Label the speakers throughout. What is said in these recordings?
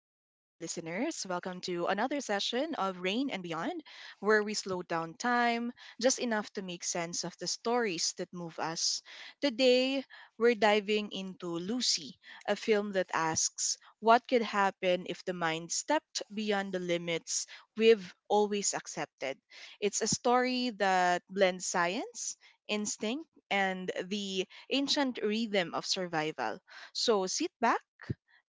Speaker 1: Welcome to another session of Rain and Beyond, where we slow down time just enough to make sense of the stories that move us. Today, we're diving into Lucy, a film that asks what could happen if the mind stepped beyond the limits we've always accepted. It's a story that blends science, instinct, and the ancient rhythm of survival. So sit back,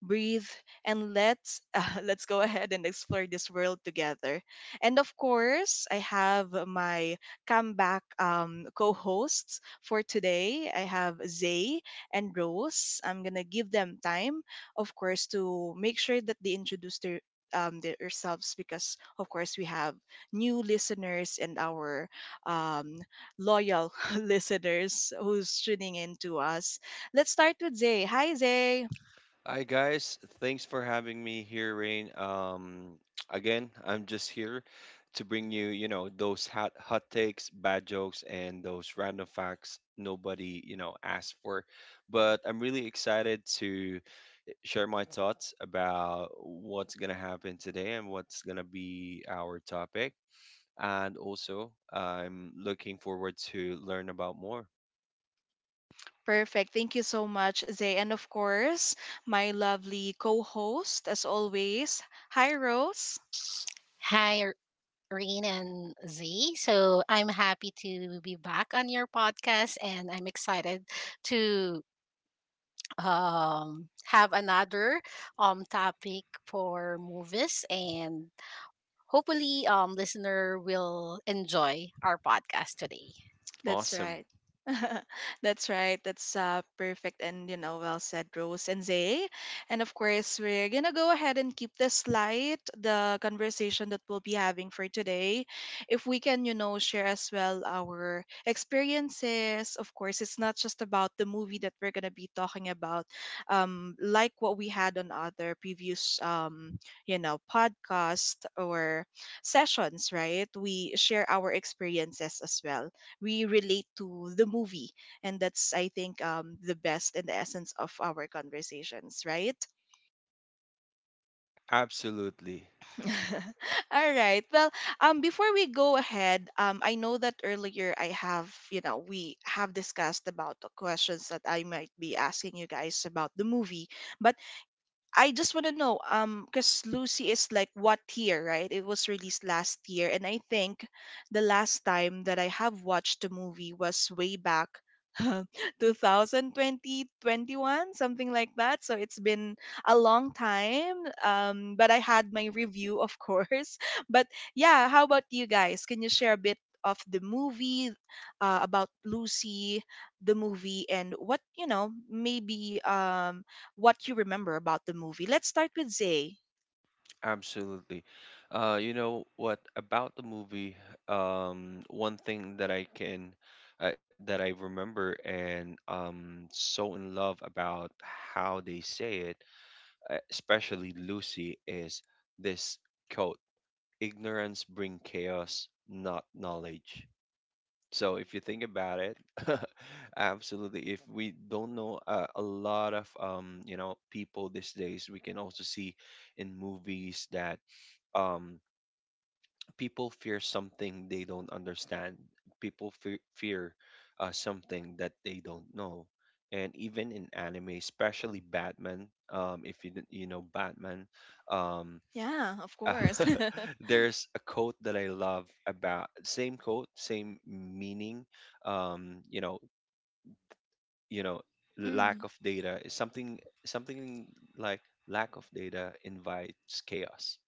Speaker 1: breathe, and let's let's go ahead and explore this world together. And of course, I have my comeback co-hosts for today. I have Zay and Rose. I'm gonna give them time, of course, to make sure that they introduce their themselves because of course we have new listeners and our um, loyal listeners who's tuning in to us. Let's start with Zay. Hi, Zay.
Speaker 2: Hi guys, thanks for having me here, Rain. Again, I'm just here to bring you those hot takes, bad jokes, and those random facts nobody asked for. But I'm really excited to share my thoughts about what's gonna happen today and what's gonna be our topic. And also, I'm looking forward to learn about more.
Speaker 1: Perfect. Thank you so much, Zay. And of course, my lovely co host, as always. Hi, Rose.
Speaker 3: Hi, Rain and Z. So I'm happy to be back on your podcast, and I'm excited to have another topic for movies, and hopefully, listener will enjoy our podcast today.
Speaker 1: That's
Speaker 2: Awesome.
Speaker 1: right. That's right. That's perfect, and you know well said, Rose and Zay. And of course, we're gonna go ahead and keep this light, the conversation that we'll be having for today. If we can, you know, share as well our experiences. Of course, it's not just about the movie that we're gonna be talking about, like what we had on other previous, you know, podcast or sessions, right? We share our experiences as well, we relate to the movie, and that's I think the best and the essence of our conversations, right?
Speaker 2: Absolutely.
Speaker 1: All right, well, before we go ahead, I know that earlier I have, you know, we have discussed about the questions that I might be asking you guys about the movie, but I just want to know, because Lucy is like what year, right? It was released last year, and I think the last time that I have watched the movie was way back, 2020 21, something like that. So it's been a long time. But I had my review, of course. But yeah, how about you guys? Can you share a bit of the movie, about Lucy, the movie, and what you know, maybe what you remember about the movie. Let's start with Zay.
Speaker 2: Absolutely. You know what about the movie? One thing that I can that I remember and so in love about how they say it, especially Lucy, is this quote: "Ignorance bring chaos, not knowledge." So if you think about it, absolutely. If we don't know a lot of people these days, we can also see in movies that um people fear something they don't understand. People fear something that they don't know. And even in anime, especially Batman, if you didn't- you know Batman, um,
Speaker 1: Yeah, of course.
Speaker 2: there's a quote that I love about same quote, same meaning. Um, you know, you know, lack
Speaker 1: Mm.
Speaker 2: of data is something like lack of data invites chaos.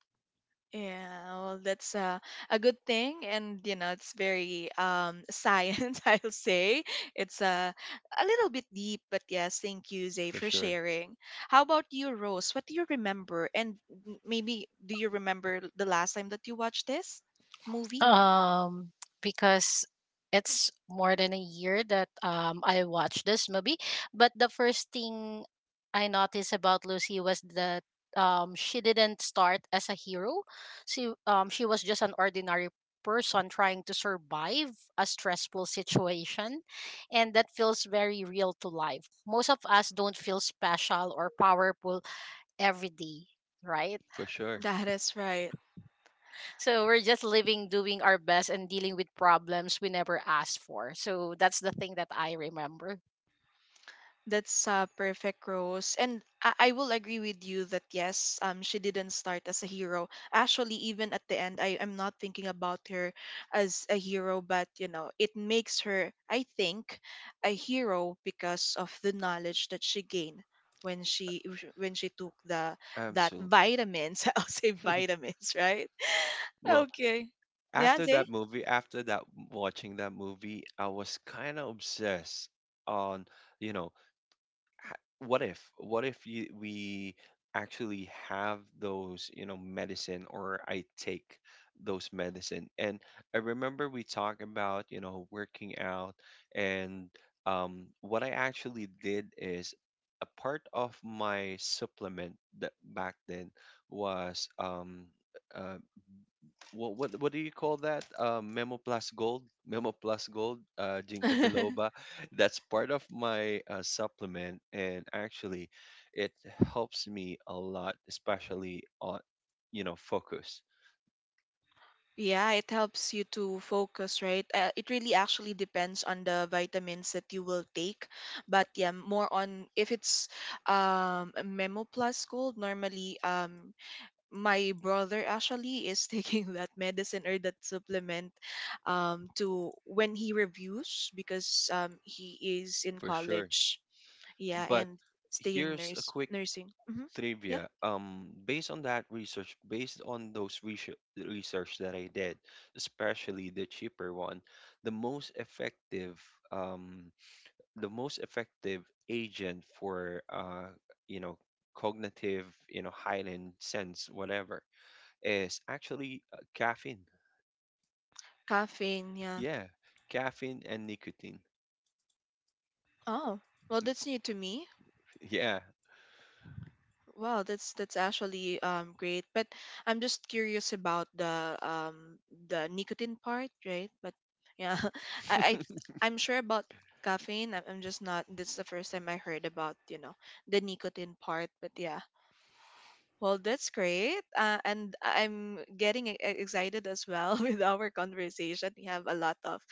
Speaker 1: Yeah, well, that's a good thing, and you know, it's very science, I'll say. It's a little bit deep, but yes, thank you, Zay,
Speaker 2: For
Speaker 1: for
Speaker 2: sure,
Speaker 1: sharing. How about you, Rose? What do you remember? And maybe do you remember the last time that you watched this movie?
Speaker 3: um because it's more than a year that I watched this movie, but the first thing I noticed about Lucy was that she didn't start as a hero. She was just an ordinary person trying to survive a stressful situation, and that feels very real to life. Most of us don't feel special or powerful every day, right?
Speaker 2: for sure,
Speaker 1: That is right.
Speaker 3: So we're just living, doing our best, and dealing with problems we never asked for. So that's the thing that I remember.
Speaker 1: That's a perfect Rose. And I will agree with you that yes, she didn't start as a hero. Actually, even at the end, I'm not thinking about her as a hero, but you know, it makes her, I think, a hero because of the knowledge that she gained when she when she took the that
Speaker 2: absolutely.
Speaker 1: vitamins. I'll say vitamins, right?
Speaker 2: Well,
Speaker 1: Okay. Yeah,
Speaker 2: after
Speaker 1: Zay?
Speaker 2: after that watching that movie, I was kind of obsessed on, you know, h- what if we actually have those, medicine or I take those medicine. And I remember we talked about, working out, and what I actually did is a part of my supplement that back then was uh, what do you call that? Memo Plus Gold, Ginkgo biloba. That's part of my supplement, and actually, it helps me a lot, especially on, focus
Speaker 1: Yeah, it helps you to focus, right? It really actually depends on the vitamins that you will take. But yeah, more on if it's a Memo Plus Gold, normally my brother actually is taking that medicine or that supplement to when he reviews because he is in
Speaker 2: for sure.
Speaker 1: college. Yeah,
Speaker 2: But
Speaker 1: and staying
Speaker 2: here's a
Speaker 1: nurse
Speaker 2: quick
Speaker 1: nursing. Mm-hmm. Yeah.
Speaker 2: trivia. Based on based on those research that I did, especially the cheaper one, the most um, effective agent for you know cognitive heightened sense whatever is actually caffeine.
Speaker 1: Caffeine, yeah.
Speaker 2: Yeah, caffeine and nicotine.
Speaker 1: Oh. Well, that's new to me.
Speaker 2: Yeah,
Speaker 1: Wow, that's actually great. But I'm just curious about the nicotine part, right? But yeah, I, I I'm sure about caffeine. I'm just not. This is the first time I heard about you know the nicotine part. But yeah, well, that's great. And I'm getting excited as well with our conversation. We have a lot of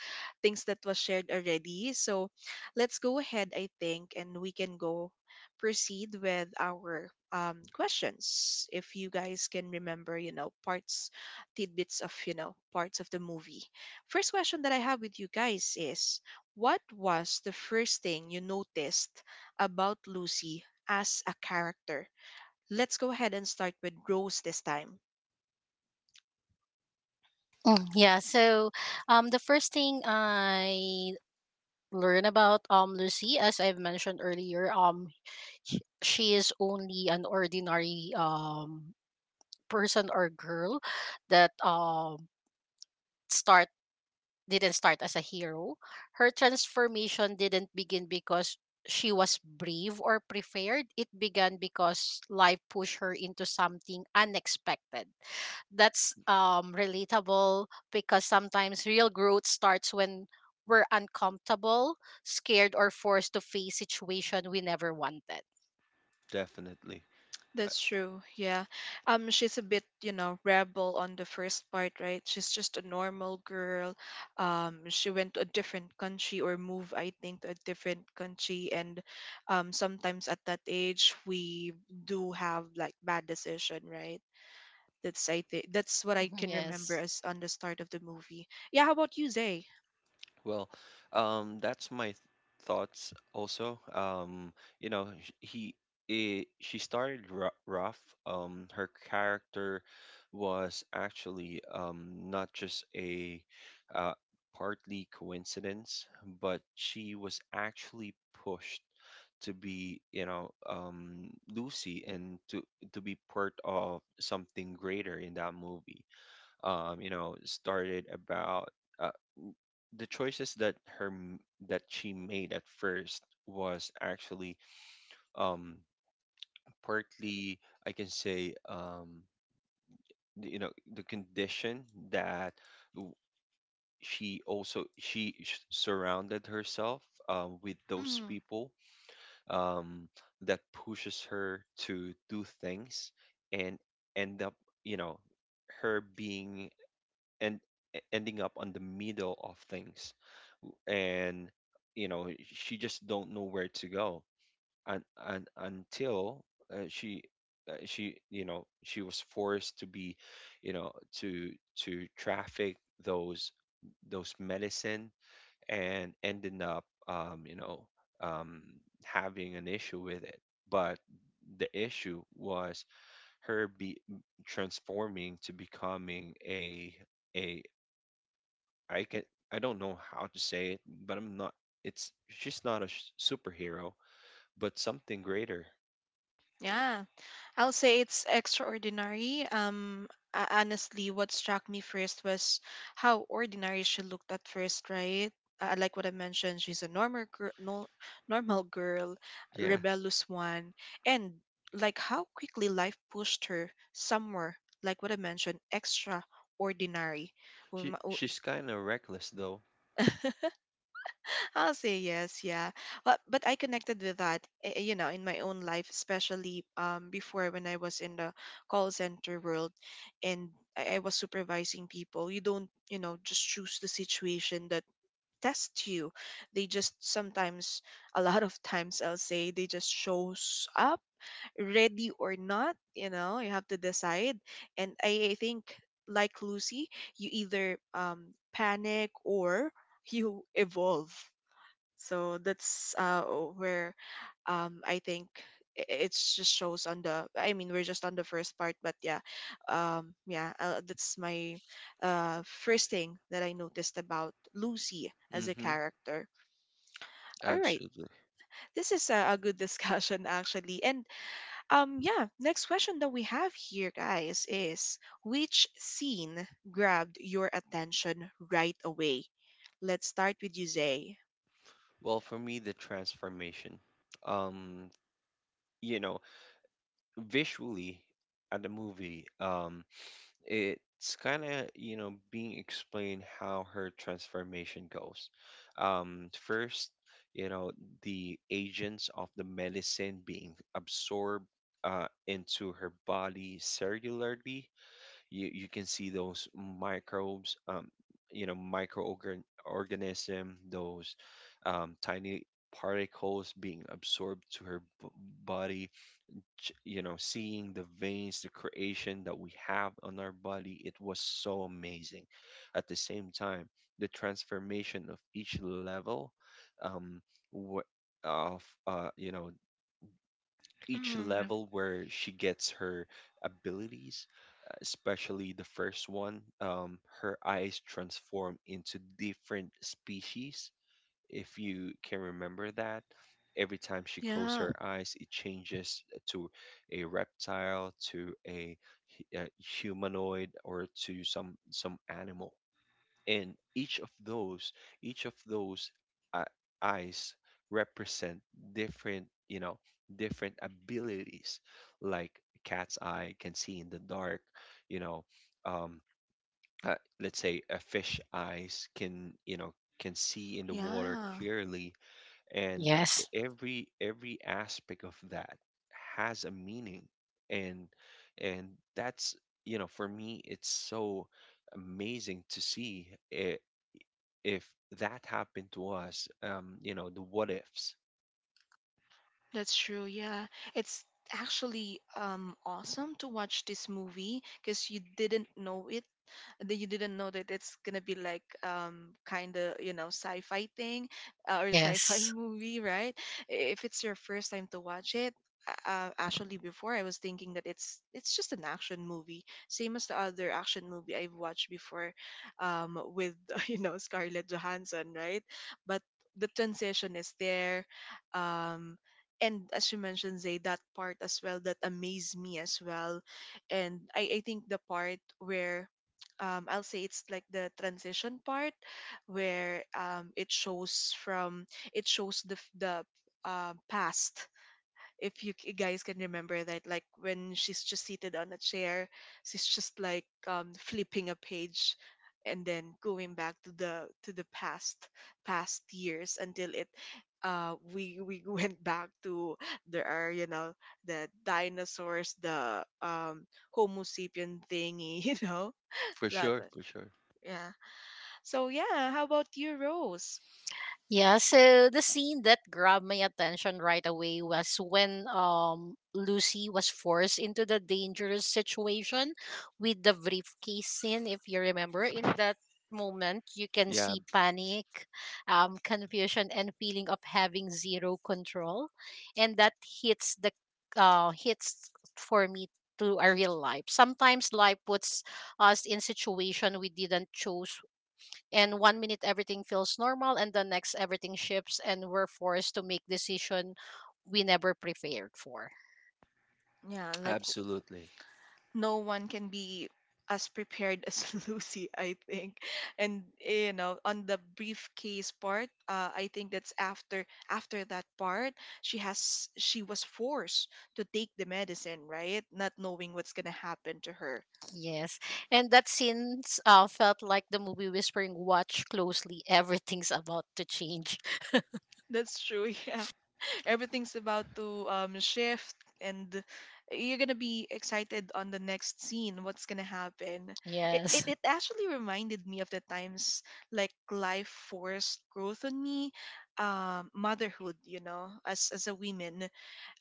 Speaker 1: things that was shared already. So let's go ahead, I think, and we can go proceed with our questions. If you guys can remember, you know, parts, tidbits of, you know, parts of the movie. First question that I have with you guys is what was the first thing you noticed about Lucy as a character? Let's go ahead and start with Rose this time.
Speaker 3: Mm, yeah. So the first thing I learned about Lucy, as I've mentioned earlier, she is only an ordinary person or girl that start didn't start as a hero. Her transformation didn't begin because she was brave or prepared. It began because life pushed her into something unexpected. That's relatable because sometimes real growth starts when we're uncomfortable, scared, or forced to face situation we never wanted.
Speaker 2: definitely. Uh,
Speaker 1: That's true. Yeah. Um, she's a bit, you know, rebel on the first part, right? She's just a normal girl. Um, she went to a different country or moved, I think, to a different country, and sometimes at that age we do have like bad decision, right? That's I think that's what I
Speaker 3: Mhm.
Speaker 1: can remember
Speaker 3: Yes.
Speaker 1: as on the start of the movie. Yeah, how about you, Zay?
Speaker 2: Well, that's my thoughts also. You know, sh- he, I she started rough. Her character was actually not just a uh, partly coincidence, but she was actually pushed to be, Lucy, and to be part of something greater in that movie. Started about. uh, the choices that she made at first was actually um partly, I can say, the condition that w- she also surrounded herself with those people, um, that pushes her to do things, and end up, you know her being and e- ending up on the middle of things, and she just don't know where to go, and until uh, she she you know she was forced to be, to traffic those those medicine, and ended up, um having an issue with it. But the issue was, her be transforming to becoming a, I can I don't know how to say it, but I'm not. It's she's not a superhero, but something greater.
Speaker 1: Yeah, I'll say it's extraordinary. Honestly, what struck me first was how ordinary she looked at first, right? Like what I mentioned, she's a normal girl, no, normal girl,
Speaker 2: Yeah,
Speaker 1: rebellious one, and like how quickly life pushed her somewhere. Like what I mentioned, extraordinary. We
Speaker 2: she
Speaker 1: ma-
Speaker 2: she's kind of reckless though.
Speaker 1: I'll say yes, yeah. But I connected with that, you know, in my own life, especially before when I was in the call center world, and I was supervising people. You don't, you know, just choose the situation that tests you. They just sometimes, a lot of times, I'll say, they just shows up, ready or not. You know, you have to decide. And I think, like Lucy, you either panic or you evolve. So that's where I think it just shows on the, I mean, we're just on the first part, but yeah, yeah that's my first thing that I noticed about Lucy as a
Speaker 2: Mm-hmm.
Speaker 1: character. All right.
Speaker 2: Absolutely.
Speaker 1: This is a good discussion actually. And yeah, next question that we have here guys is which scene grabbed your attention right away? Let's start with you, Zay.
Speaker 2: Well, for me, the transformation. Um, you know, visually at the movie, it's kind of, being explained how her transformation goes. First, you know the agents of the medicine being absorbed into her body cellularly. You can see those microbes, microorganism, those tiny particles being absorbed to her body. Seeing the veins, the creation that we have on our body, it was so amazing. At the same time, the transformation of each level, um wh- of you know each
Speaker 1: Mm.
Speaker 2: level where she gets her abilities, especially the first one, her eyes transform into different species, if you can remember that. Every time she closes
Speaker 1: Yeah,
Speaker 2: her eyes, it changes to a reptile, to a humanoid, or to some animal. And each of those uh, eyes represent different, you know, different abilities. Like, cat's eye can see in the dark, you know. Um, let's say, a fish eyes can see in the water
Speaker 1: yeah,
Speaker 2: clearly. And e-
Speaker 3: Yes.
Speaker 2: every every aspect of that has a meaning. And and that's you know for me, it's so amazing to see. I If that happened to us, the what ifs.
Speaker 1: that's true. Yeah, it's actually awesome to watch this movie because you didn't know it that you didn't know that it's gonna be like kind of you know sci-fi thing, or sci-fi
Speaker 3: Yes.
Speaker 1: movie, right? If it's your first time to watch it. Actually before I was thinking that it's just an action movie, same as the other action movie I've watched before, with you know Scarlett Johansson, right? But the transition is there, um and as you mentioned Zay, that part as well that amazed me as well. And I think the part where, I'll say it's like the transition part where, it shows from it shows the the past. If you guys can remember that, like when she's just seated on a chair, she's just like flipping a page and then going back to the past years until it we went back to, there are you know, the dinosaurs, the homo sapien thingy. You know
Speaker 2: For
Speaker 1: that.
Speaker 2: sure, for sure.
Speaker 1: Yeah. So yeah, how about you, Rose?
Speaker 3: Yeah, so the scene that grabbed my attention right away was when Lucy was forced into the dangerous situation with the briefcase scene, if you remember. In that moment, you can
Speaker 2: Yeah,
Speaker 3: see panic, confusion, and feeling of having zero control, and that hits the hits for me to a real life. Sometimes life puts us in situation we didn't choose, and one minute everything feels normal and the next everything shifts, and we're forced to make decision we never prepared for.
Speaker 1: Yeah, like
Speaker 2: absolutely.
Speaker 1: no one can be as prepared as Lucy, I think. And you know, on the briefcase part, I think that's after that part, she was forced to take the medicine, right? Not knowing what's gonna happen to her.
Speaker 3: Yes. And that since felt like the movie whispering, watch closely, everything's about to change.
Speaker 1: That's true. Yeah. Everything's about to shift, and you're gonna be excited on the next scene what's gonna happen.
Speaker 3: Yes.
Speaker 1: It actually reminded me of the times like life forced growth on me, motherhood, you know, as a woman,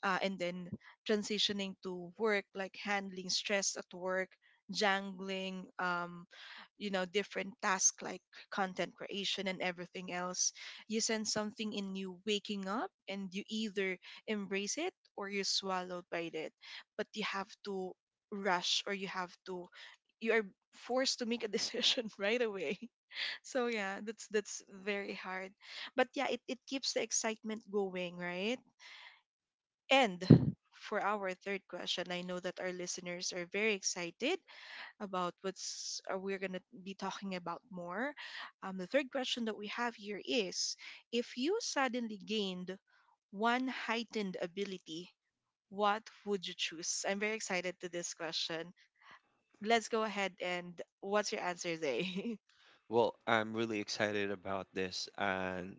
Speaker 1: and then transitioning to work, like handling stress at work, jangling, you know, different tasks like content creation and everything else. You sense something in you waking up, and you either embrace it or you're swallowed by it. But you have to rush, or you have to, you are forced to make a decision right away. So yeah, that's very hard. But yeah, it keeps the excitement going, right? And for our third question, I know that our listeners are very excited about what's we're going to be talking about more. The third question that we have here is if you suddenly gained one heightened ability, what would you choose? I'm very excited to this question. Let's go ahead and what's your answer, Zay?
Speaker 2: Well, I'm really excited about this, and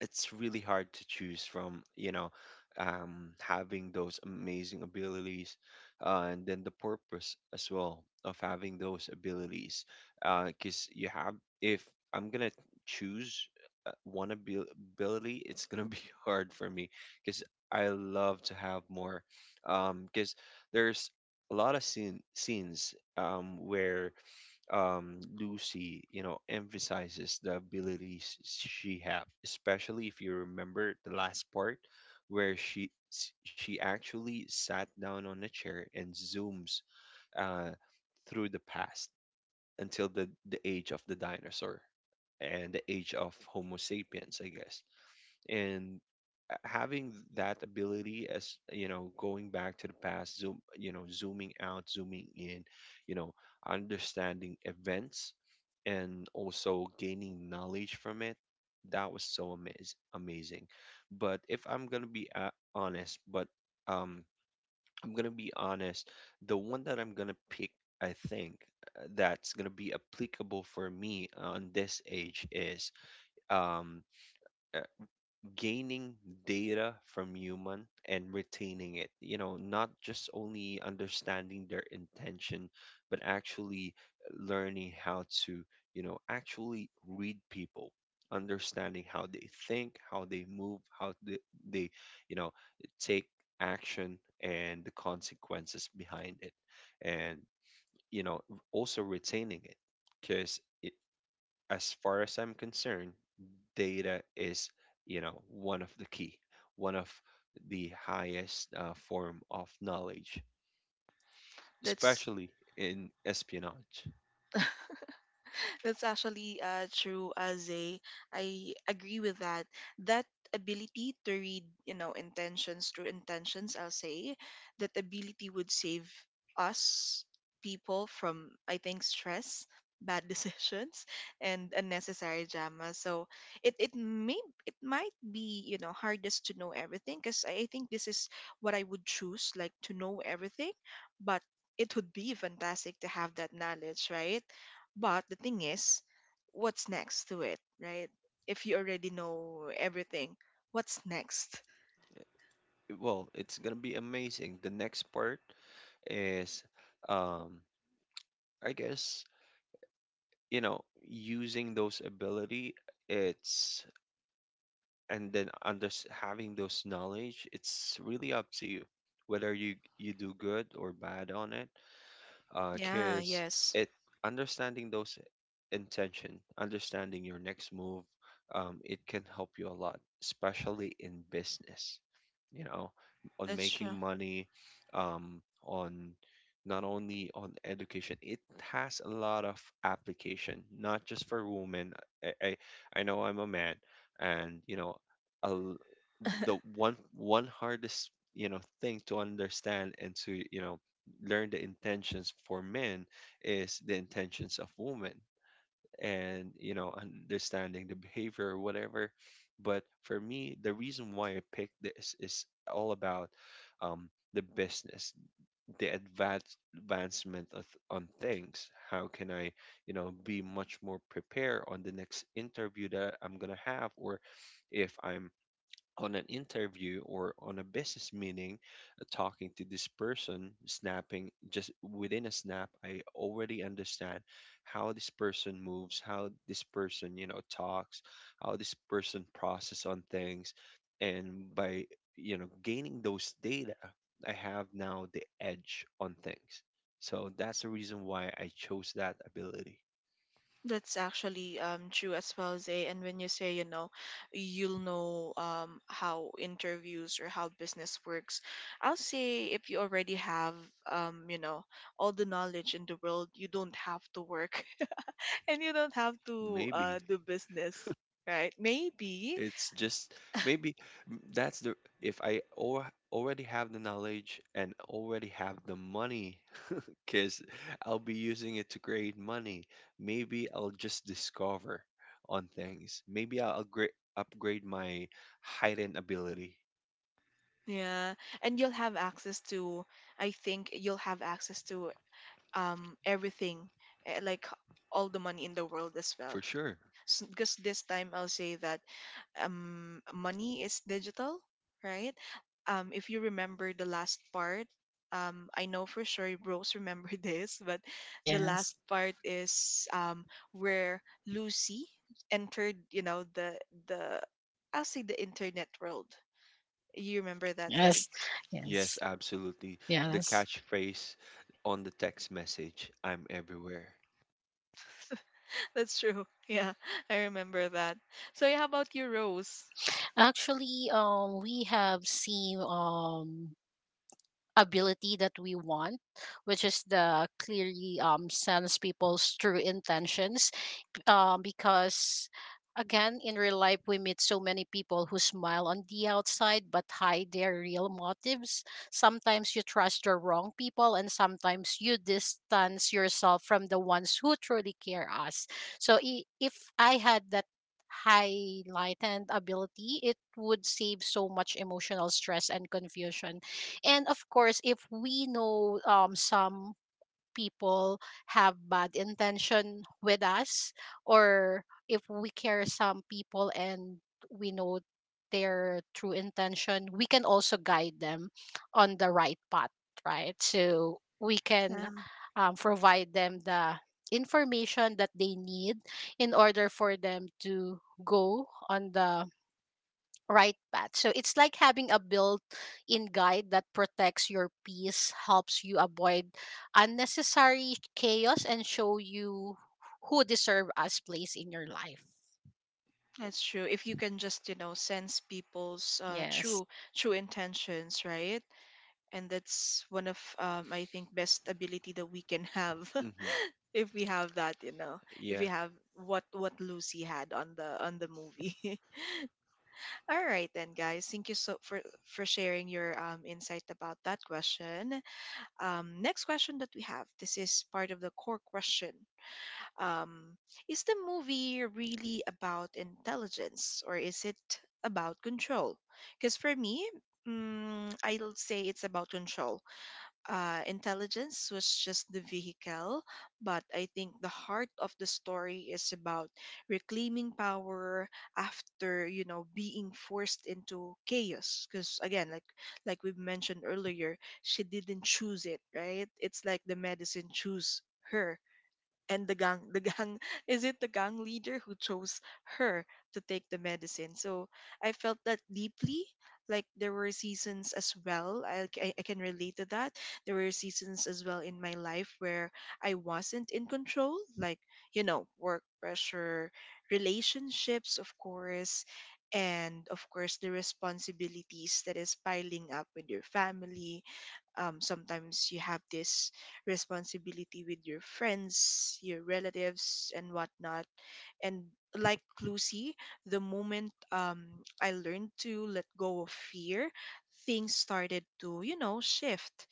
Speaker 2: it's really hard to choose from, having those amazing abilities, and then the purpose as well of having those abilities. Because, you have if I'm gonna choose one ability, it's gonna be hard for me, because I love to have more, because there's a lot of scenes, where, Lucy, emphasizes the abilities she have, especially if you remember the last part, where she actually sat down on a chair and zooms uh, through the past until the age of the dinosaur and the age of Homo sapiens, I guess. And having that ability, as, going back to the past, zooming out, zooming in, you know understanding events, and also gaining knowledge from it. That was so amazing. But if I'm gonna be honest, um i'm gonna be honest the one that I'm gonna pick, I think, that's gonna be applicable for me on this age, is um uh, gaining data from human and retaining it, not just only understanding their intention, but actually learning how to, actually read people, understanding how they think, how they move, how they you know take action and the consequences behind it, and, you know also retaining it. Because, as far as I'm concerned, data is one of the key, one of the highest form of knowledge,
Speaker 1: That's
Speaker 2: especially in espionage.
Speaker 1: That's actually true, Zay. I agree with that. That ability to read, you know, intentions through intentions, I'll say, that ability would save us people from, I think, stress, bad decisions, and unnecessary drama. So it may it might be you know hardest to know everything because I think this is what I would choose, like to know everything, but it would be fantastic to have that knowledge, right? But the thing is, what's next to it, right? If you already know everything, what's next?
Speaker 2: Well, it's gonna be amazing. The next part is, um, I guess, using those ability. It's And then, under having those knowledge, it's really up to you whether you do good or bad on it.
Speaker 1: Yeah,
Speaker 2: Because,
Speaker 1: yes,
Speaker 2: it understanding those intention, understanding your next move, it can help you a lot, especially in business. You know, on
Speaker 1: that's
Speaker 2: making
Speaker 1: true.
Speaker 2: money, on not only on education, it has a lot of application, not just for women. I I, I know I'm a man, and, a l the one one hardest, thing to understand, and to, learn the intentions for men, is the intentions of women. And, understanding the behavior or whatever. But for me, the reason why I picked this is all about, the business, the advancement on things, how can I be much more prepared on the next interview that I'm gonna have. Or, if I'm on an interview or on a business meeting, talking to this person, snapping, just within a snap I already understand how this person moves, how this person, talks, how this person process on things, and by, gaining those data, I have now the edge on things. So that's the reason why I chose that ability.
Speaker 1: That's actually true as well, Zay. And when you say, you know, you'll know how interviews or how business works, I'll say if you already have, um, you know, all the knowledge in the world, you don't have to work and you don't have to
Speaker 2: Maybe.
Speaker 1: do business, right? Maybe.
Speaker 2: It's just Maybe that's the, if I, or already have the knowledge and already have the money, because I'll be using it to create money. Maybe I'll just discover on things. Maybe I'll upgrade my hidden ability
Speaker 1: Yeah, and you'll have access to, I think you'll have access to everything, like all the money in the world as well.
Speaker 2: for sure.
Speaker 1: Because this time I'll say that money is digital, right? If you remember the last part, I know for sure Rose remember this, but the
Speaker 3: Yes.
Speaker 1: last part is where Lucy entered, you know, the I'll say the internet world. You remember that, say?
Speaker 3: Yes.
Speaker 2: Yes,
Speaker 3: Yes.
Speaker 2: absolutely. The
Speaker 3: Yes.
Speaker 2: catchphrase on the text message, I'm everywhere.
Speaker 1: That's true. Yeah, I remember that. So yeah, how about you, Rose?
Speaker 3: Actually, we have seen ability that we want, which is the clearly sense people's true intentions, because again in real life we meet so many people who smile on the outside but hide their real motives. Sometimes you trust the wrong people, and sometimes you distance yourself from the ones who truly care us. So if I had that highlighted ability, it would save so much emotional stress and confusion. And of course, if we know some people have bad intention with us, or if we care some people and we know their true intention, we can also guide them on the right path, right? So we
Speaker 1: Yeah,
Speaker 3: can provide them the information that they need in order for them to go on the right path. So it's like having a built in guide that protects your peace, helps you avoid unnecessary chaos, and show you who deserve God's place in your life.
Speaker 1: that's true. If you can just, you know, sense people's
Speaker 3: Yes.
Speaker 1: true intentions, right? And that's one of I think best ability that we can have
Speaker 2: Hmm.
Speaker 1: if we have that, you know, if we
Speaker 2: Yeah.
Speaker 1: have what Lucy had on the movie. All right then, guys. Thank you so for sharing your insight about that question. Next question that we have. This is part of the core question. Um, is the movie really about intelligence or is it about control? Because for me, I'll say it's about control. Intelligence was just the vehicle, but I think the heart of the story is about reclaiming power after, you know, being forced into chaos. Because again, like we mentioned earlier, she didn't choose it, right? It's like the medicine choose her, and the gang is it the gang leader who chose her to take the medicine. So I felt that deeply. Like, there were seasons as well. I can relate to that. There were seasons as well in my life where I wasn't in control, like, you know, work pressure, relationships of course, and of course the responsibilities that is piling up with your family. Um, sometimes you have this responsibility with your friends, your relatives, and whatnot. And like Lucy, the moment I learned to let go of fear, things started to, you know, shift.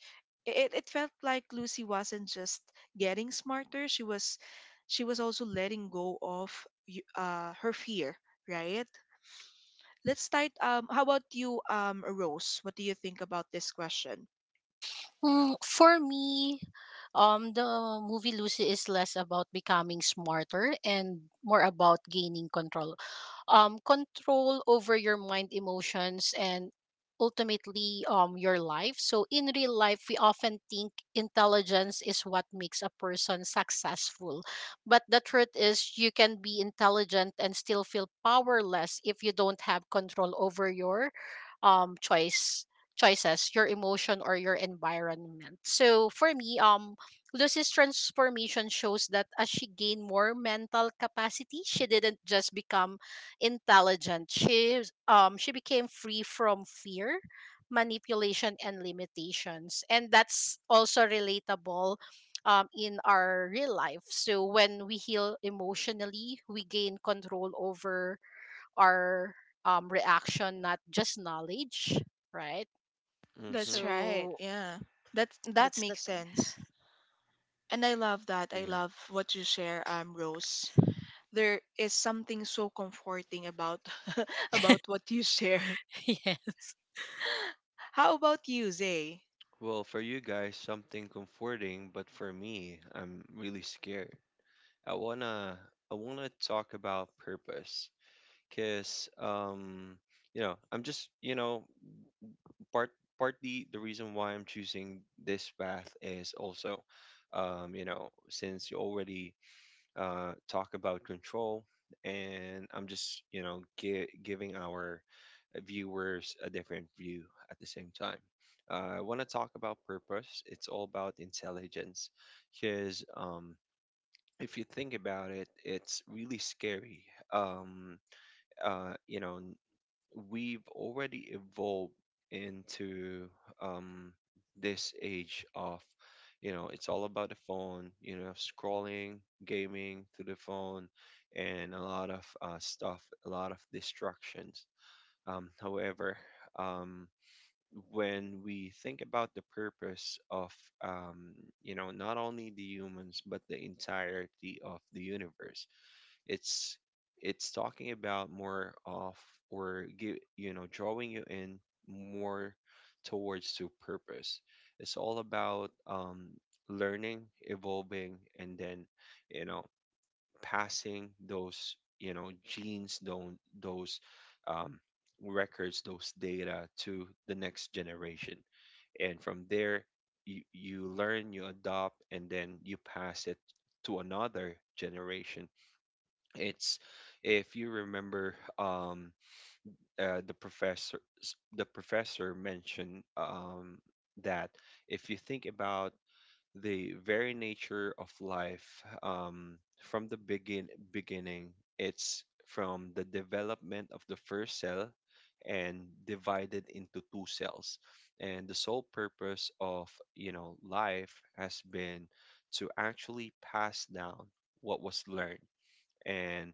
Speaker 1: It felt like Lucy wasn't just getting smarter; she was also letting go of her fear, right? Let's start. How about you, Rose? What do you think about this question?
Speaker 3: Mm, for me, the movie Lucy is less about becoming smarter and more about gaining control. Control over your mind, emotions, and ultimately your life. So, in real life, we often think intelligence is what makes a person successful. But the truth is, you can be intelligent and still feel powerless if you don't have control over your um, choice choices, your emotion, or your environment. So for me, Lucy's transformation shows that as she gained more mental capacity, she didn't just become intelligent. She became free from fear, manipulation, and limitations. And that's also relatable in our real life. So when we heal emotionally, we gain control over our reaction, not just knowledge, right?
Speaker 2: Hmm.
Speaker 1: That's right.
Speaker 3: So
Speaker 1: Yeah. That that
Speaker 3: that's the
Speaker 1: makes
Speaker 3: thing.
Speaker 1: sense. And I love that. I love what you share, Rose. There is something so comforting about about what you share. How about you, Zay?
Speaker 2: Well, for you guys, something comforting, but for me, I'm really scared. I wanna I wanna talk about purpose, cause I'm just, part partly the reason why I'm choosing this path is also, since you already talk about control, and I'm just, giving our viewers a different view at the same time. I want to talk about purpose. It's all about intelligence, because, if you think about it, it's really scary. Um, uh, you know, we've already evolved into, um, this age of, it's all about the phone, scrolling, gaming through the phone, and a lot of stuff, a lot of distractions. However, um, when we think about the purpose of, um, not only the humans, but the entirety of the universe, it's it's talking about more of, or give you know drawing you in more towards to purpose. It's all about learning, evolving, and then you know passing those genes, those um, records, those data to the next generation, and from there you learn, you adopt, and then you pass it to another generation. It's if you remember the the professor mentioned that if you think about the very nature of life from the beginning, it's from the development of the first cell and divided into two cells, and the sole purpose of, you know, life has been to actually pass down what was learned, and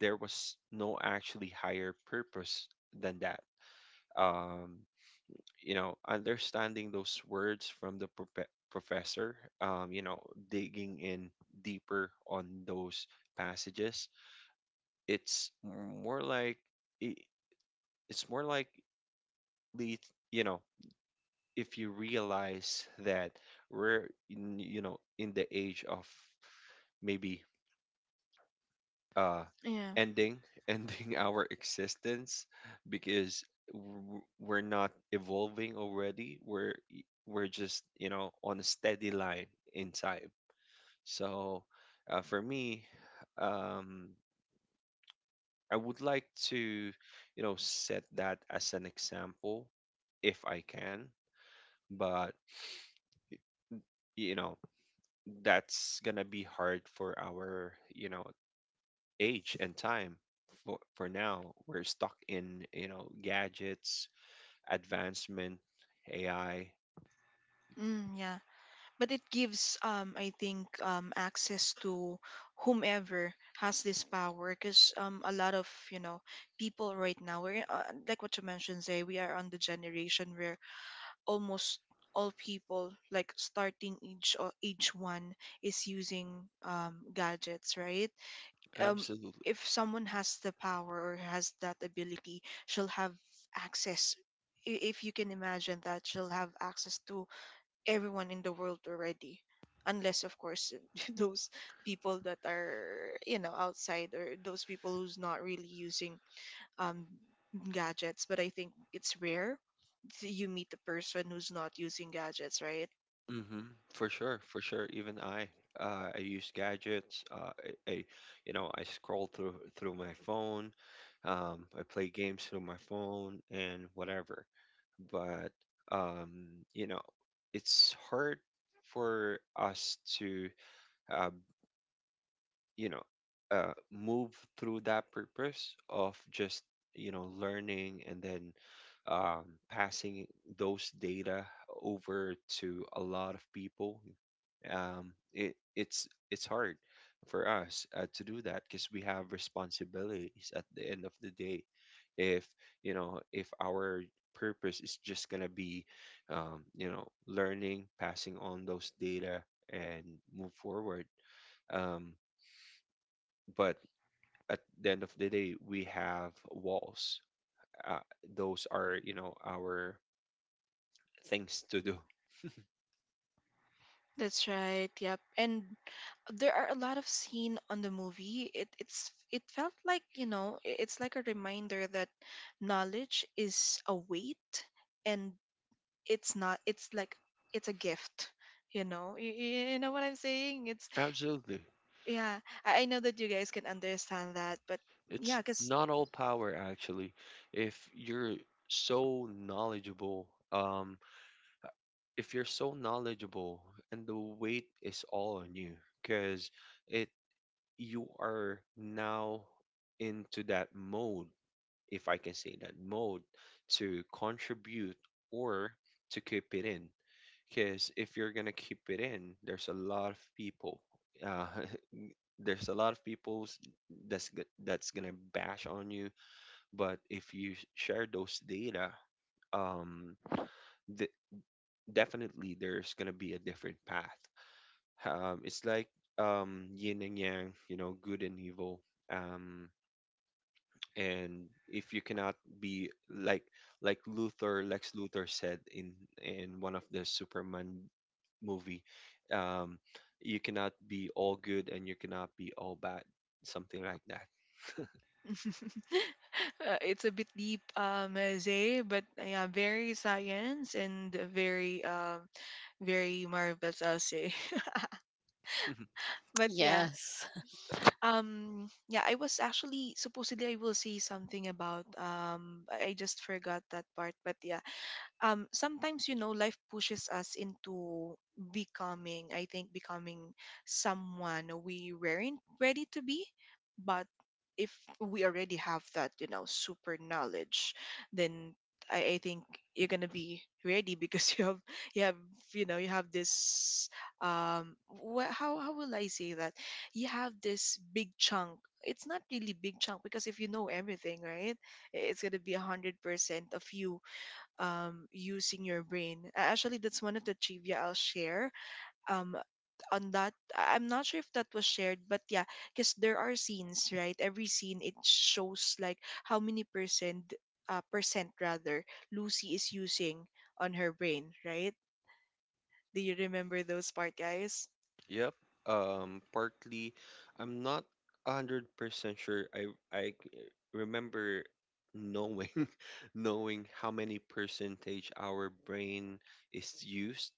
Speaker 2: there was no actually higher purpose than that. Um, understanding those words from the professor, um, you know, digging in deeper on those passages, it's more like i- it's more likely, you know, if you realize that we're in, you know, in the age of maybe uh
Speaker 1: Yeah.
Speaker 2: ending ending our existence, because we're not evolving already, we're we're just, you know, on a steady line in time. So for me, um I would like to, you know, set that as an example if I can, but, you know, that's gonna be hard for our, you know, age and time. For now we're stuck in, you know, gadgets, advancement, AI.
Speaker 1: Mm, yeah. But it gives I think access to whomever has this power, because a lot of, you know, people right now we're like what you mentioned, Zay, we are on the generation where almost all people, like, starting age or age one, is using gadgets, right? Um,
Speaker 2: Absolutely.
Speaker 1: if someone has the power or has that ability, she'll have access. If you can imagine that, she'll have access to everyone in the world already, unless of course those people that are, you know, outside, or those people who's not really using um, gadgets, but I think it's rare that you meet the person who's not using gadgets, right?
Speaker 2: Mm hmm for sure, for sure. Even I, I use gadgets. I you know, I scroll through my phone, I play games through my phone and whatever. But you know, it's hard for us to uh, you know, move through that purpose of just, you know, learning and then, passing those data over to a lot of people. It's hard for us to do that because we have responsibilities at the end of the day. If, you know, if our purpose is just gonna be, you know, learning, passing on those data and move forward, um, but at the end of the day, we have walls. Uh, those are, you know, our things to do.
Speaker 1: That's right. Yep. And there are a lot of scene on the movie. It it's it felt like, you know, it's like a reminder that knowledge is a weight, and it's not, it's like, it's a gift, you know. You know what I'm saying? It's
Speaker 2: Absolutely.
Speaker 1: yeah. I know that you guys can understand that, but
Speaker 2: It's
Speaker 1: yeah, cuz
Speaker 2: not all power, actually. If you're so knowledgeable, if you're so knowledgeable and the weight is all on you, because it you are now into that mode, if I can say that, mode, to contribute or to keep it in. Because if you're gonna keep it in, there's a lot of people. Uh, there's a lot of people that's gonna bash on you. But if you share those data, um, th- definitely there's gonna be a different path. It's like, yin and yang, you know, good and evil. Um, and if you cannot be like Luther, Lex Luthor said in one of the Superman movie, um, you cannot be all good and you cannot be all bad, something like that.
Speaker 1: uh, it's a bit deep, Zay, but yeah, very science and very, very marvelous, I'll say. But yeah,
Speaker 3: Yes. Yes.
Speaker 1: yeah, I was actually supposedly I will say something about I just forgot that part, but yeah. Um, sometimes, you know, life pushes us into becoming, I think, becoming someone we weren't ready to be. But if we already have that, you know, super knowledge, then I think you're gonna be ready because you have you know, you have this how will I say that, you have this big chunk, it's not really big chunk because if you know everything, right, it's gonna be 100% of you using your brain. A- Actually, that's one of the trivia I'll share. Um, on that, I- I'm not sure if that was shared, but yeah, because there are scenes, right? Every scene it shows like how many percent, percent rather, Lucy is using on her brain, right? Do you remember those part, guys?
Speaker 2: Yep. Partly, I'm not 100% sure. I remember knowing knowing how many percentage our brain is used.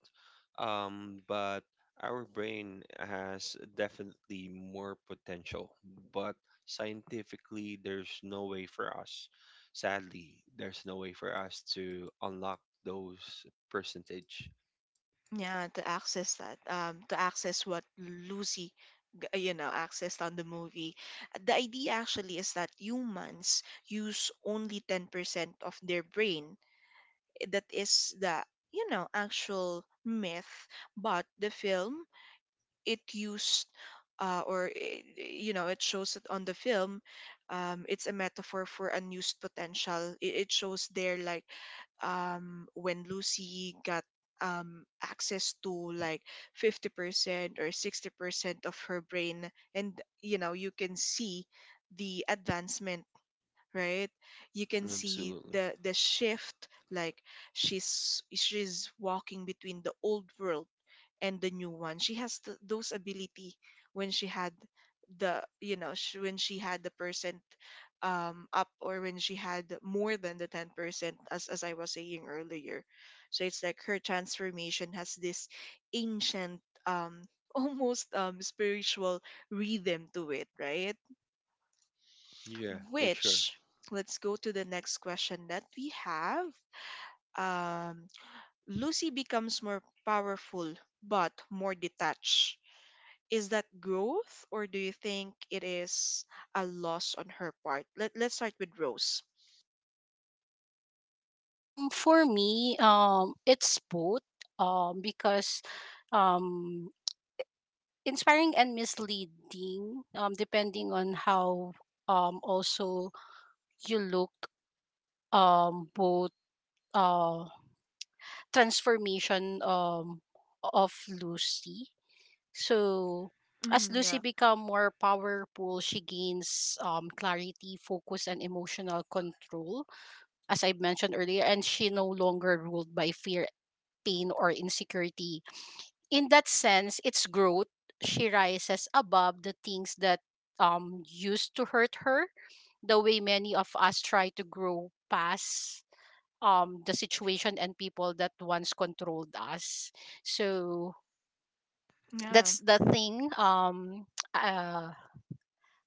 Speaker 2: But our brain has definitely more potential. But scientifically, there's no way for us. Sadly, there's no way for us to unlock those percentage.
Speaker 1: Yeah, to access that, to access what Lucy, g- you know, accessed on the movie. The idea actually is that humans use only 10% of their brain. That is the, you know, actual myth. But the film it used or you know it shows it on the film, it's a metaphor for unused potential. It shows there like when Lucy got access to like 50% or 60% of her brain, and you know, you can see the advancement, right? You can see
Speaker 2: Absolutely.
Speaker 1: the shift, like she's walking between the old world and the new one. She has those ability when she had the, you know, when she had the percent up, or when she had more than the 10%, as I was saying earlier. So it's like her transformation has this ancient almost spiritual rhythm to it, right?
Speaker 2: Yeah, for sure.
Speaker 1: Which, let's go to the next question that we have. Um, Lucy becomes more powerful but more detached. Is that growth, or do you think it is a loss on her part? Let Let's start with Rose.
Speaker 3: For me, it's both. Because, um, inspiring and misleading. Depending on how, also you look. Both. Uh, transformation. Of Lucy. So. As
Speaker 1: Mm,
Speaker 3: Lucy
Speaker 1: yeah,
Speaker 3: become more powerful, she gains clarity, focus, and emotional control as I mentioned earlier, and she no longer ruled by fear, pain, or insecurity. In that sense, it's growth. She rises above the things that used to hurt her, the way many of us try to grow past the situation and people that once controlled us. So
Speaker 1: yeah,
Speaker 3: that's the thing. Uh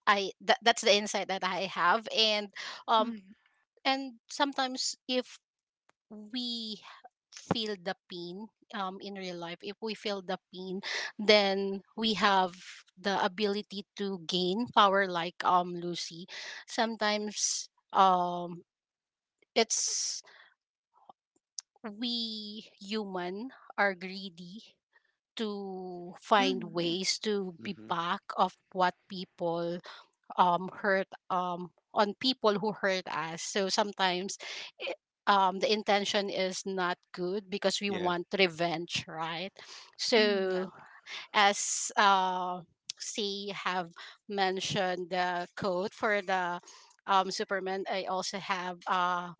Speaker 3: I That, that's the insight that I have, um
Speaker 1: mm,
Speaker 3: and sometimes if we feel the pain, in real life, if we feel the pain, then we have the ability to gain power like Lucy. Sometimes it's we human are greedy to find
Speaker 1: mm,
Speaker 3: ways to be
Speaker 2: Hmm.
Speaker 3: back of what people hurt on people who hurt us. So sometimes it, the intention is not good because we
Speaker 2: Yeah,
Speaker 3: want revenge, right?
Speaker 1: mm, yeah,
Speaker 3: So as C have mentioned the code for the Superman, I also have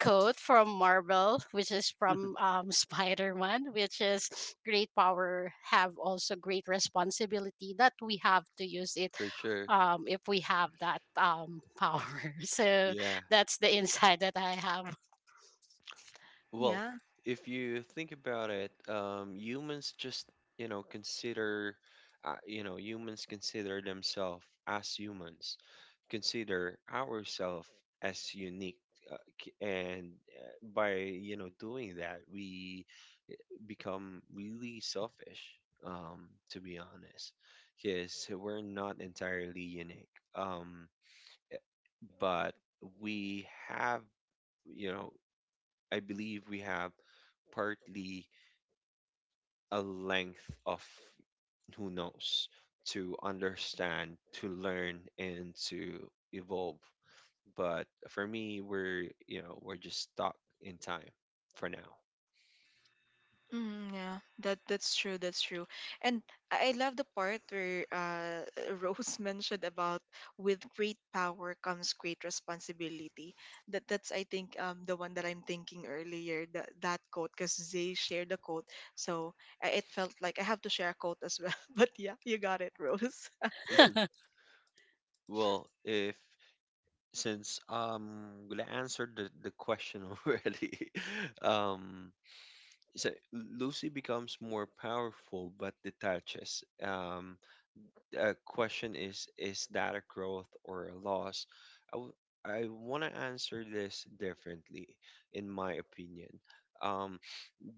Speaker 3: quote from Marvel, which is from Spider Man, which is great power have also great responsibility that we have to use it,
Speaker 2: for sure.
Speaker 3: if we have that power. So
Speaker 2: Yeah.
Speaker 3: that's the insight that I have.
Speaker 2: Well,
Speaker 1: yeah.
Speaker 2: if you think about it, humans just, you know, consider, you know, humans consider themselves as humans, consider ourselves as unique. Uh, c- and by, you know, doing that, we become really selfish, to be honest, because we're not entirely unique. But we have, you know, I believe we have partly a length of who knows to understand, to learn, and to evolve. But for me, we're, you know, we're just stuck in time for now.
Speaker 1: Mm, yeah, that that's true. That's true, and I love the part where Rose mentioned about with great power comes great responsibility. That that's, I think, um, the one that I'm thinking earlier. That that quote, because they shared the quote, so I, it felt like I have to share a quote as well. But yeah, you got it, Rose.
Speaker 2: Hmm. Well, if since we answered the question already, um, so Lucy becomes more powerful but detaches. Question is that a growth or a loss? I w- I want to answer this differently, in my opinion. Um,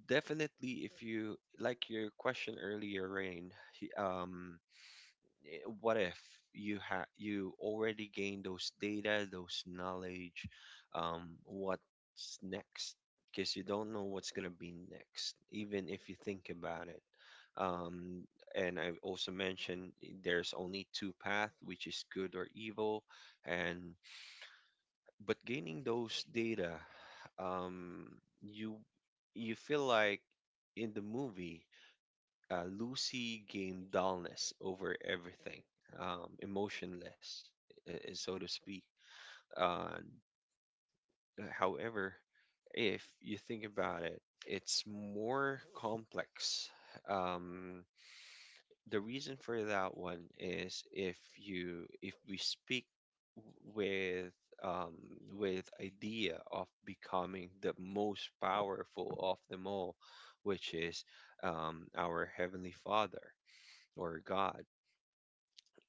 Speaker 2: Definitely, if you like your question earlier, Rain, he- um, what if you already gained those data, those knowledge, what's next? Because you don't know what's gonna be next, even if you think about it. Um, and I also mentioned there's only two path, which is good or evil, and but gaining those data, um, you you feel like in the movie. Lucy gained dullness over everything, emotionless, so to speak. Uh, However, if you think about it, it's more complex. Um, the reason for that one is if you if we speak with, um, with idea of becoming the most powerful of them all, which is, our heavenly Father or God.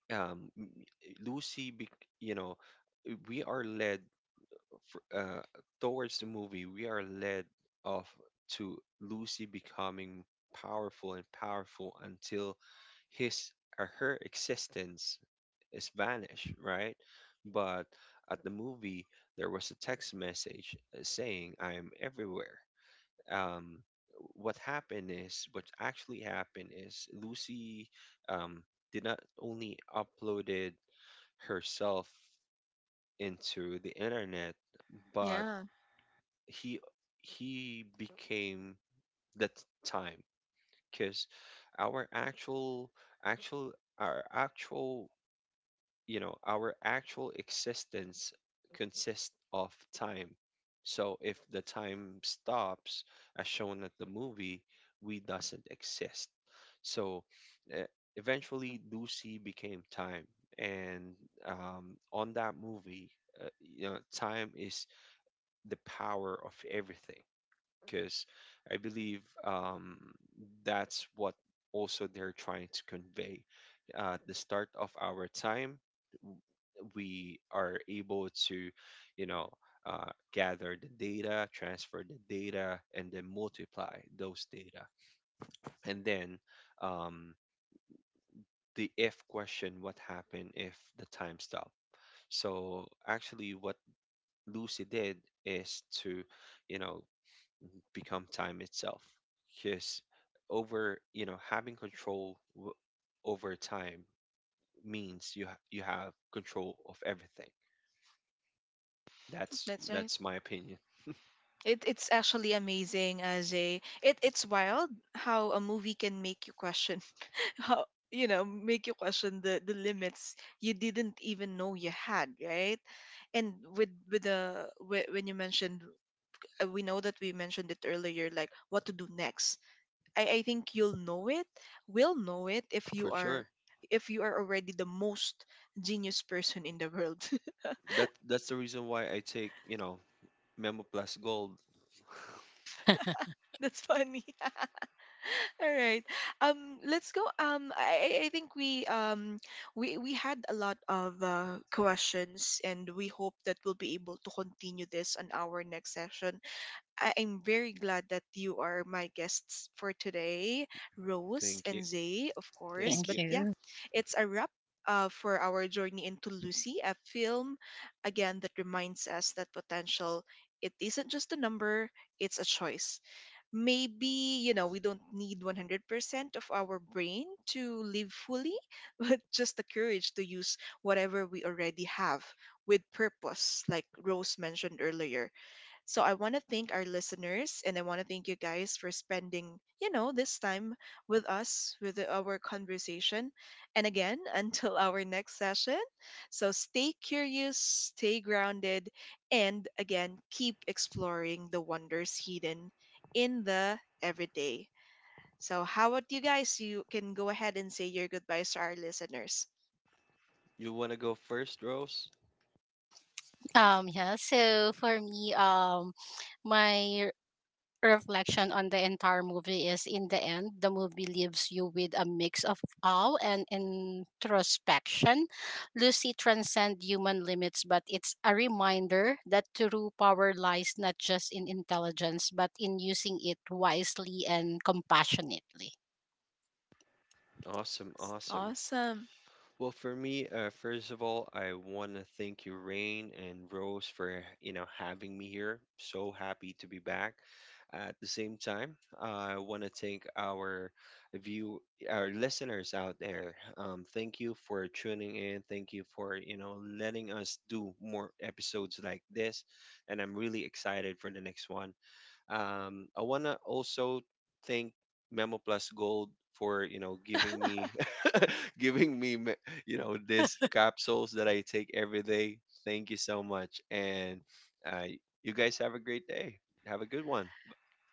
Speaker 2: um m- eh, Lucy bec you know eh, We are led fr- uh towards the movie. We are led off to Lucy becoming powerful and powerful until his or her existence is vanished, right? But at the movie, there was a text message saying, I am everywhere. um what happened is, what actually happened is Lucy um did not only uploaded herself into the internet, but
Speaker 1: Yeah,
Speaker 2: he he became that time. Because our actual actual, you know, our actual existence consists of time. So if the time stops, as shown at the movie, we doesn't exist. So uh, eventually, Lucy became time, and on that movie, you know, time is the power of everything. Because I believe, that's what also they're trying to convey. The start of our time we are able to, you know, gather the data, transfer the data, and then multiply those data. And then um, the if question, what happened if the time stopped? So actually, what Lucy did is to, you know, become time itself. Because over, you know, having over time means you have control of everything.
Speaker 1: that's right.
Speaker 2: That's my opinion.
Speaker 1: It, it's actually amazing as a it, it's wild how a movie can make you question how, you know, make you question the limits you didn't even know you had, right? And with the when you mentioned we know that we mentioned it earlier, like what to do next, I think you'll know it. We'll know it if you
Speaker 2: For
Speaker 1: are,
Speaker 2: sure.
Speaker 1: if you are already the most genius person in the world.
Speaker 2: That that's the reason why I take, you know, Memo Plus Gold.
Speaker 1: That's funny. All right. Let's go. I think we had a lot of questions, and we hope that we'll be able to continue this on our next session. I, am very glad that you are my guests for today, Rose
Speaker 2: Thank you.
Speaker 1: and Zay, of course.
Speaker 2: Thank
Speaker 3: Thank
Speaker 1: But
Speaker 2: you.
Speaker 1: yeah,
Speaker 3: you.
Speaker 1: it's a wrap. For our journey into Lucy, a film again that reminds us that potential, it isn't just a number, it's a choice. Maybe, you know, we don't need 100% of our brain to live fully but just the courage to use whatever we already have with purpose, like Rose mentioned earlier. So I want to thank our listeners, and I want to thank you guys for spending, you know, this time with us with our conversation. And again, until our next session. So stay curious, stay grounded, and again, keep exploring the wonders hidden in the everyday. So how about you guys? You can go ahead and say your goodbyes to our listeners.
Speaker 2: You wanna go first, Rose?
Speaker 3: Yeah, so for me, my reflection on the entire movie is, in the end, the movie leaves you with a mix of awe and introspection. Lucy transcends human limits, but it's a reminder that true power lies not just in intelligence but in using it wisely and compassionately.
Speaker 2: Awesome, awesome.
Speaker 1: Awesome.
Speaker 2: Well, for me, first of all, I want to thank you, Rain and Rose, for, you know, having me here. So happy to be back. At the same time, I want to thank our view, our listeners out there. Thank you for tuning in. Thank you for, you know, letting us do more episodes like this, and I'm really excited for the next one. I wanna also thank Memo Plus Gold for, you know, giving me giving me you know, these capsules that I take every day. Thank you so much, and uh, you guys have a great day. Have a good one.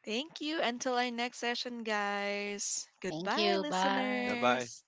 Speaker 1: Thank you. Until our next session, guys.
Speaker 3: Thank
Speaker 1: Goodbye,
Speaker 3: you. Bye.
Speaker 2: Bye bye.
Speaker 1: listeners.